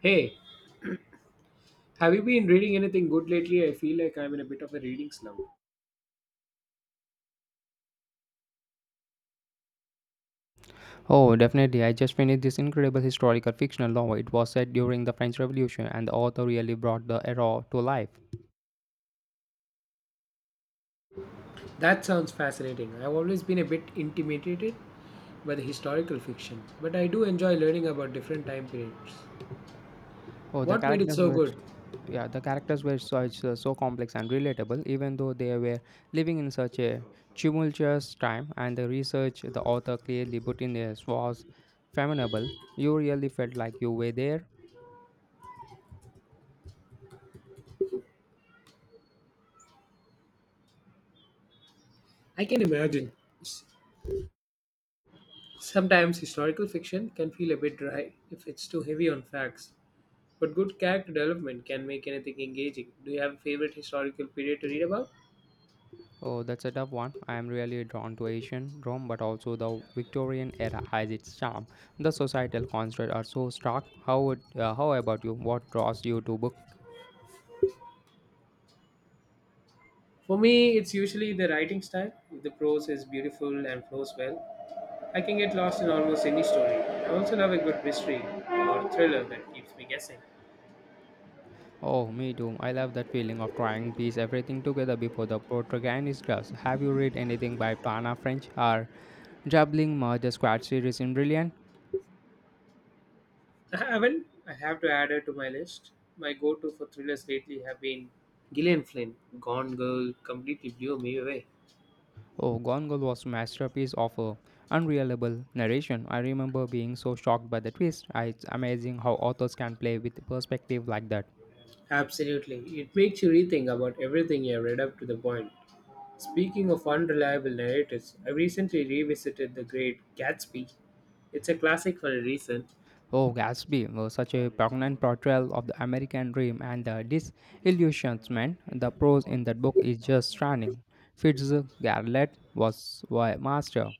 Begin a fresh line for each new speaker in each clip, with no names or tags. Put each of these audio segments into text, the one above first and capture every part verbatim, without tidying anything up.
Hey, have you been reading anything good lately? I feel like I'm in a bit of a reading slump.
Oh, definitely. I just finished this incredible historical fictional novel. It was set during the French Revolution, and the author really brought the era to life.
That sounds fascinating. I've always been a bit intimidated by the historical fiction, but I do enjoy learning about different time periods.
Oh, the
What made it
characters
so
were
good?
yeah, the characters were such uh, so complex and relatable, even though they were living in such a tumultuous time. And the research the author clearly put in there was formidable. You really felt like you were there.
I can imagine. S- Sometimes historical fiction can feel a bit dry if it's too heavy on facts, but good character development can make anything engaging. Do you have a favorite historical period to read about?
Oh, that's a tough one. I am really drawn to Asian Rome, but also the Victorian era has its charm. The societal constructs are so stark. How would, uh, how about you? What draws you to book?
For me, it's usually the writing style. If the prose is beautiful and flows well, I can get lost in almost any story. I also love a good mystery or thriller that keeps me guessing.
Oh, me too. I love that feeling of trying to piece everything together before the protagonist does. Have you read anything by Tana French or Juggling Murder Squad series in Brilliant?
I haven't. I have to add her to my list. My go-to for thrillers lately have been Gillian Flynn. Gone Girl completely blew me away.
Oh, Gone Girl was masterpiece of a unreliable narration. I remember being so shocked by the twist. I- It's amazing how authors can play with perspective like that.
Absolutely, it makes you rethink about everything you have read up to the point. Speaking of unreliable narrators, I recently revisited The Great Gatsby. It's a classic for a reason.
Oh, Gatsby was such a prominent portrayal of the American dream and the disillusionment. The prose in that book is just stunning. Fitzgerald was a master.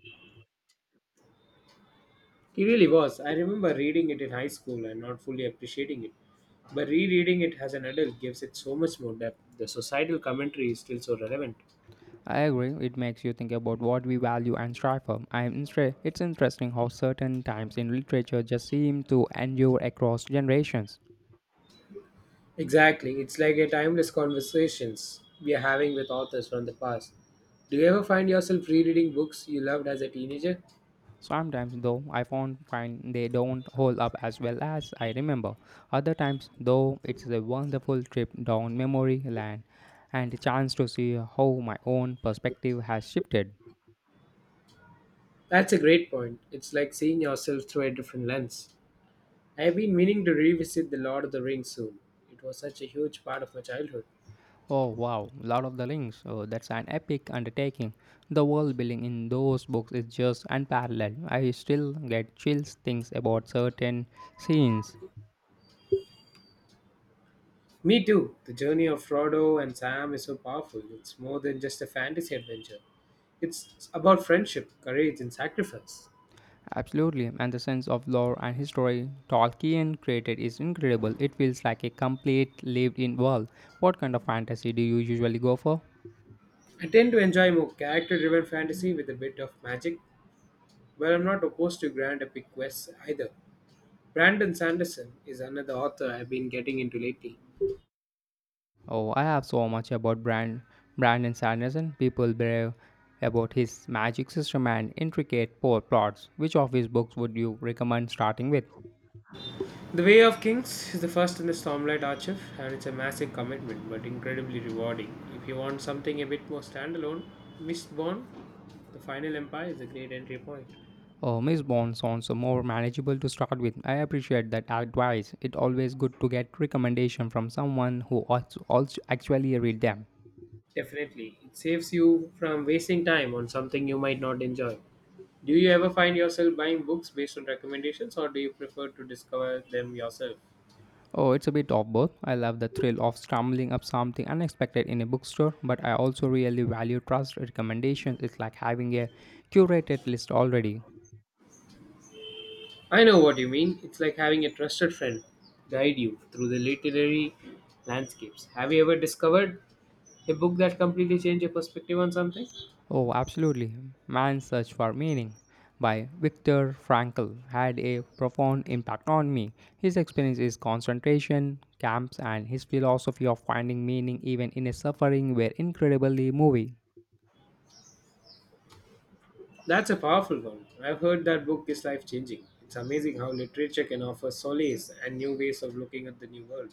He really was. I remember reading it in high school and not fully appreciating it. But rereading it as an adult gives it so much more depth. The societal commentary is still so relevant.
I agree, it makes you think about what we value and strive for. I'm instre- it's interesting how certain times in literature just seem to endure across generations.
Exactly. It's like a timeless conversations we are having with authors from the past. Do you ever find yourself rereading books you loved as a teenager?
Sometimes, though, I found find they don't hold up as well as I remember. Other times, though, it's a wonderful trip down memory lane and a chance to see how my own perspective has shifted.
That's a great point. It's like seeing yourself through a different lens. I have been meaning to revisit The Lord of the Rings soon. It was such a huge part of my childhood.
Oh wow, Lord of the Rings, oh, that's an epic undertaking. The world building in those books is just unparalleled. I still get chills things about certain scenes.
Me too. The journey of Frodo and Sam is so powerful. It's more than just a fantasy adventure. It's about friendship, courage, and sacrifice.
Absolutely, and the sense of lore and history Tolkien created is incredible. It feels like a complete lived in world. What kind of fantasy do you usually go for?
I tend to enjoy more character driven fantasy with a bit of magic, but I'm not opposed to grand epic quests either. Brandon Sanderson is another author I've been getting into lately.
Oh, I have so much about Brand Brandon Sanderson. People brave about his magic system and intricate poor plots. Which of his books would you recommend starting with?
The Way of Kings is the first in the Stormlight Archive, and it's a massive commitment but incredibly rewarding. If you want something a bit more standalone, Mistborn, The Final Empire is a great entry point.
Oh, Miss Bond sounds more manageable to start with. I appreciate that advice. It's always good to get recommendation from someone who also, also actually read them.
Definitely. It saves you from wasting time on something you might not enjoy. Do you ever find yourself buying books based on recommendations or do you prefer to discover them yourself?
Oh, it's a bit of both. I love the thrill of scrambling up something unexpected in a bookstore, but I also really value trust recommendations. It's like having a curated list already.
I know what you mean. It's like having a trusted friend guide you through the literary landscapes. Have you ever discovered a book that completely changed your perspective on something?
Oh, absolutely. Man's Search for Meaning by Viktor Frankl had a profound impact on me. His experience is concentration camps and his philosophy of finding meaning even in a suffering were incredibly moving.
That's a powerful one. I've heard that book is life changing. It's amazing how literature can offer solace and new ways of looking at the new world.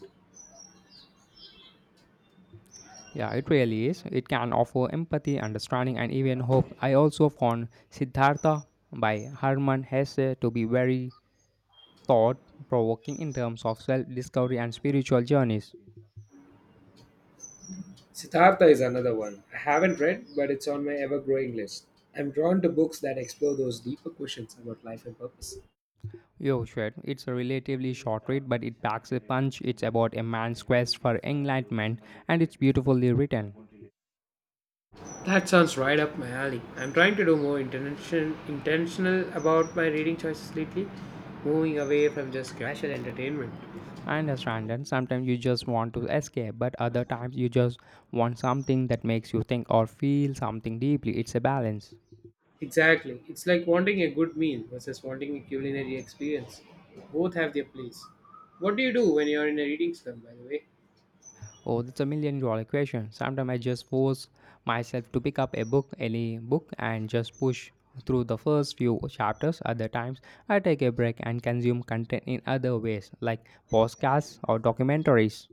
Yeah, it really is. It can offer empathy, understanding, and even hope. I also found Siddhartha by Hermann Hesse to be very thought provoking in terms of self discovery and spiritual journeys.
Siddhartha is another one. I haven't read, but it's on my ever growing list. I'm drawn to books that explore those deeper questions about life and purpose.
Yo, shit, it's a relatively short read, but it packs a punch. It's about a man's quest for enlightenment, and it's beautifully written.
That sounds right up my alley. I'm trying to do more intention, intentional about my reading choices lately, moving away from just casual entertainment.
I understand that sometimes you just want to escape, but other times you just want something that makes you think or feel something deeply. It's a balance.
Exactly. It's like wanting a good meal versus wanting a culinary experience. Both have their place. What do you do when you're in a reading slump, by the way?
Oh, that's a million dollar question. Sometimes I just force myself to pick up a book, any book, and just push through the first few chapters. Other times, I take a break and consume content in other ways, like podcasts or documentaries.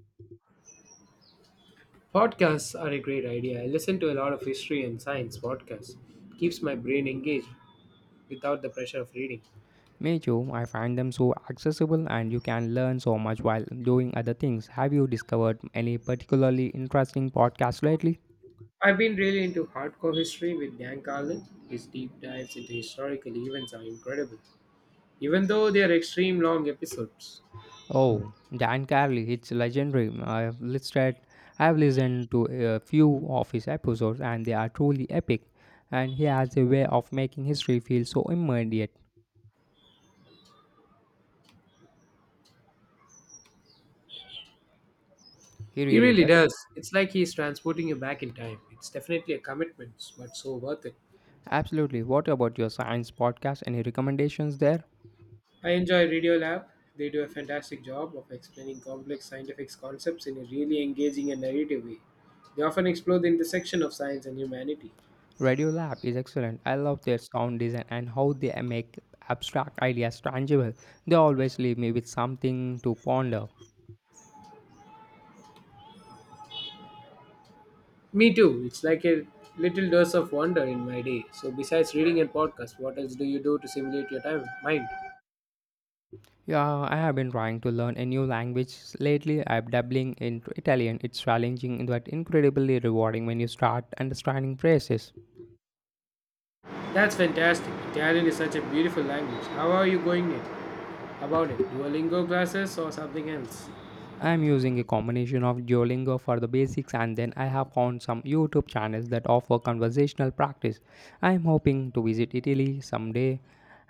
Podcasts are a great idea. I listen to a lot of history and science podcasts. Keeps my brain engaged without the pressure of reading.
Me too, I find them so accessible and you can learn so much while doing other things. Have you discovered any particularly interesting podcasts lately?
I've been really into hardcore history with Dan Carlin. His deep dives into historical events are incredible, even though they are extreme long episodes.
Oh, Dan Carley, it's legendary. I have listed, I have listened to a few of his episodes, and they are truly epic. And he has a way of making history feel so immediate. He
He
really
really
does.
does. It's like he's transporting you back in time. It's definitely a commitment, but so worth it.
Absolutely. What about your science podcast? Any recommendations there?
I enjoy Radiolab. They do a fantastic job of explaining complex scientific concepts in a really engaging and narrative way. They often explore the intersection of science and humanity.
Radio Lab is excellent. I love their sound design and how they make abstract ideas tangible. They always leave me with something to ponder.
Me too. It's like a little dose of wonder in my day. So, besides reading and podcasts, what else do you do to simulate your time mind?
Yeah, I have been trying to learn a new language lately. I'm dabbling in Italian. It's challenging but incredibly rewarding when you start understanding phrases.
That's fantastic. Italian is such a beautiful language. How are you going it about it? Duolingo classes or something else?
I'm using a combination of Duolingo for the basics and then I have found some YouTube channels that offer conversational practice. I'm hoping to visit Italy someday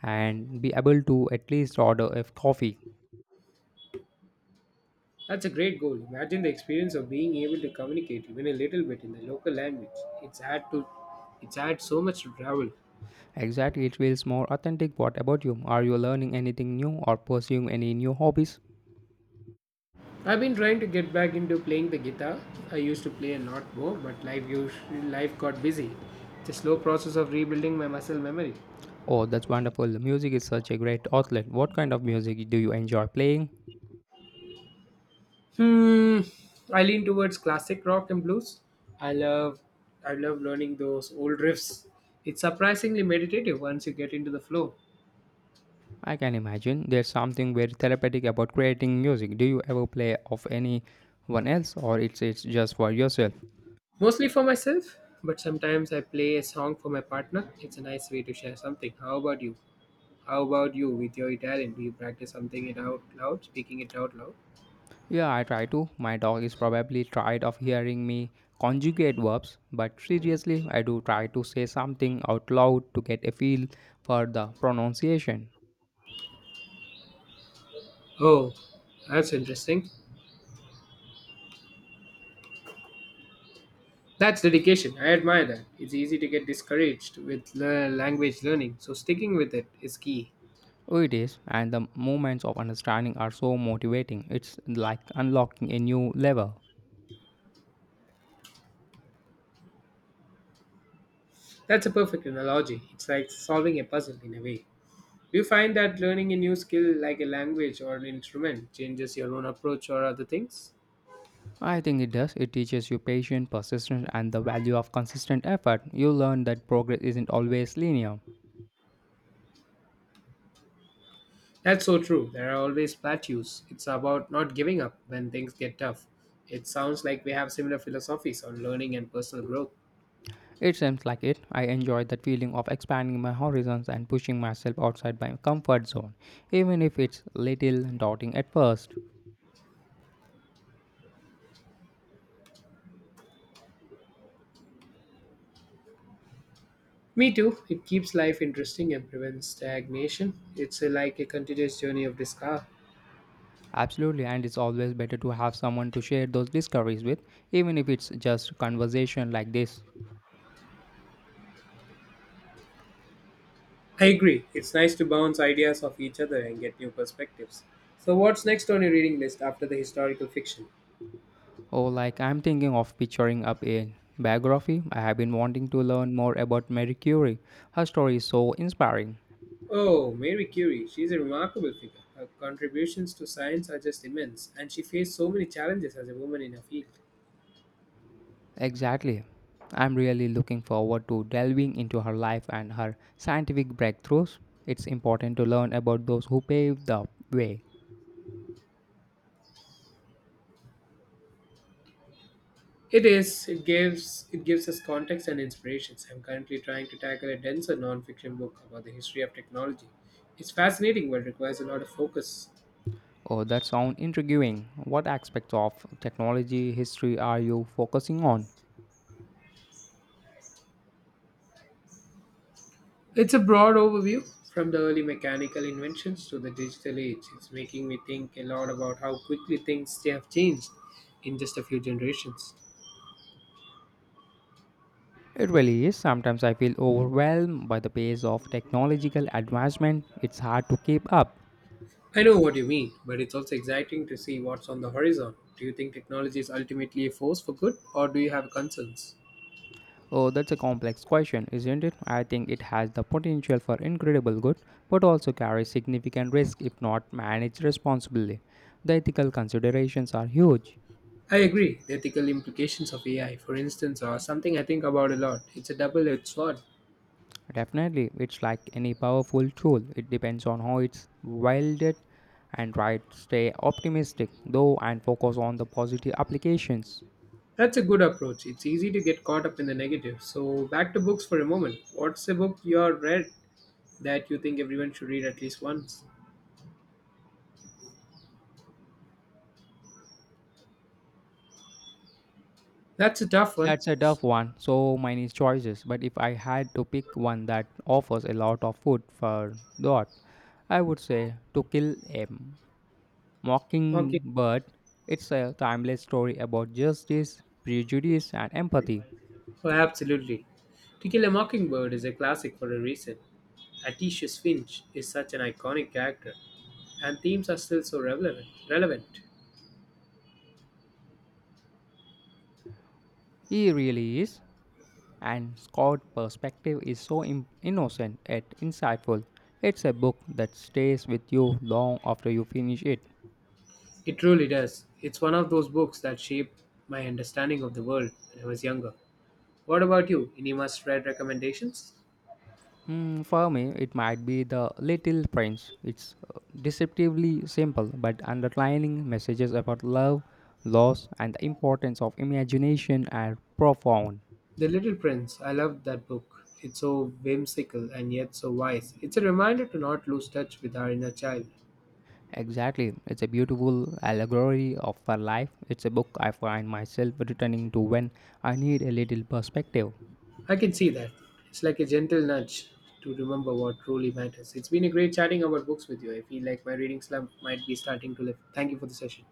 and be able to at least order a coffee.
That's a great goal. Imagine the experience of being able to communicate even a little bit in the local language. It's had to it's had so much to travel.
Exactly, it feels more authentic. What about you? Are you learning anything new or pursuing any new hobbies?
I've been trying to get back into playing the guitar. I used to play a lot more, but life us- life got busy. It's a slow process of rebuilding my muscle memory.
Oh, that's wonderful. Music is such a great outlet. What kind of music do you enjoy playing?
Hmm. I lean towards classic rock and blues. I love I love learning those old riffs. It's surprisingly meditative once you get into the flow.
I can imagine there's something very therapeutic about creating music. Do you ever play of anyone else or it's it's just for yourself?
Mostly for myself, but sometimes I play a song for my partner. It's a nice way to share something. How about you? How about you with your Italian? Do you practice something it out loud, speaking it out loud?
Yeah, I try to. My dog is probably tired of hearing me conjugate verbs, but seriously, I do try to say something out loud to get a feel for the pronunciation.
Oh, that's interesting. That's dedication. I admire that. It's easy to get discouraged with le- language learning, so sticking with it is key.
Oh, it is, and the moments of understanding are so motivating. It's like unlocking a new level.
That's a perfect analogy. It's like solving a puzzle in a way. Do you find that learning a new skill like a language or an instrument changes your own approach or other things?
I think it does. It teaches you patience, persistence, and the value of consistent effort. You learn that progress isn't always linear.
That's so true. There are always plateaus. It's about not giving up when things get tough. It sounds like we have similar philosophies on learning and personal growth.
It seems like it. I enjoy that feeling of expanding my horizons and pushing myself outside my comfort zone, even if it's little daunting at first.
Me too. It keeps life interesting and prevents stagnation. It's a, like a continuous journey of discovery.
Absolutely, and it's always better to have someone to share those discoveries with, even if it's just conversation like this.
I agree. It's nice to bounce ideas off each other and get new perspectives. So, what's next on your reading list after the historical fiction?
Or like I'm thinking of picturing up a biography. I have been wanting to learn more about Marie Curie. Her story is so inspiring.
Oh, Mary Curie. She's a remarkable figure. Her contributions to science are just immense, and she faced so many challenges as a woman in her field.
Exactly. I'm really looking forward to delving into her life and her scientific breakthroughs. It's important to learn about those who paved the way.
It is. It gives it gives us context and inspirations. I'm currently trying to tackle a denser nonfiction book about the history of technology. It's fascinating, but requires a lot of focus.
Oh, that sounds intriguing. What aspects of technology history are you focusing on?
It's a broad overview from the early mechanical inventions to the digital age. It's making me think a lot about how quickly things have changed in just a few generations.
It really is. Sometimes I feel overwhelmed by the pace of technological advancement. It's hard to keep up.
I know what you mean, but it's also exciting to see what's on the horizon. Do you think technology is ultimately a force for good, or do you have concerns?
Oh, that's a complex question, isn't it? I think it has the potential for incredible good, but also carries significant risk if not managed responsibly. The ethical considerations are huge.
I agree. The ethical implications of A I, for instance, are something I think about a lot. It's a double edged sword.
Definitely, it's like any powerful tool, it depends on how it's wielded and right stay optimistic though and focus on the positive applications
That's a good approach. It's easy to get caught up in the negative. So, back to books for a moment. What's a book you have read that you think everyone should read at least once? That's a tough one.
that's a tough one so many choices but if I had to pick one that offers a lot of food for thought I would say to kill m
Okay.
Mockingbird, it's a timeless story about justice, prejudice, and empathy.
Oh, absolutely. To Kill a Mockingbird is a classic for a reason. Atticus Finch is such an iconic character, and themes are still so relevant. relevant.
He really is, and Scott's perspective is so im- innocent yet insightful. It's a book that stays with you long after you finish it.
It really does. It's one of those books that shaped my understanding of the world when I was younger. What about you? Any must read recommendations?
Hmm, for me, it might be The Little Prince. It's uh, deceptively simple, but underlining messages about love, loss, and the importance of imagination are profound.
The Little Prince. I loved that book. It's so whimsical and yet so wise. It's a reminder to not lose touch with our inner child.
Exactly. It's a beautiful allegory of our life. It's a book I find myself returning to when I need a little perspective.
I can see that. It's like a gentle nudge to remember what truly matters. It's been a great chatting about books with you. I feel like my reading slump might be starting to lift. Thank you for the session.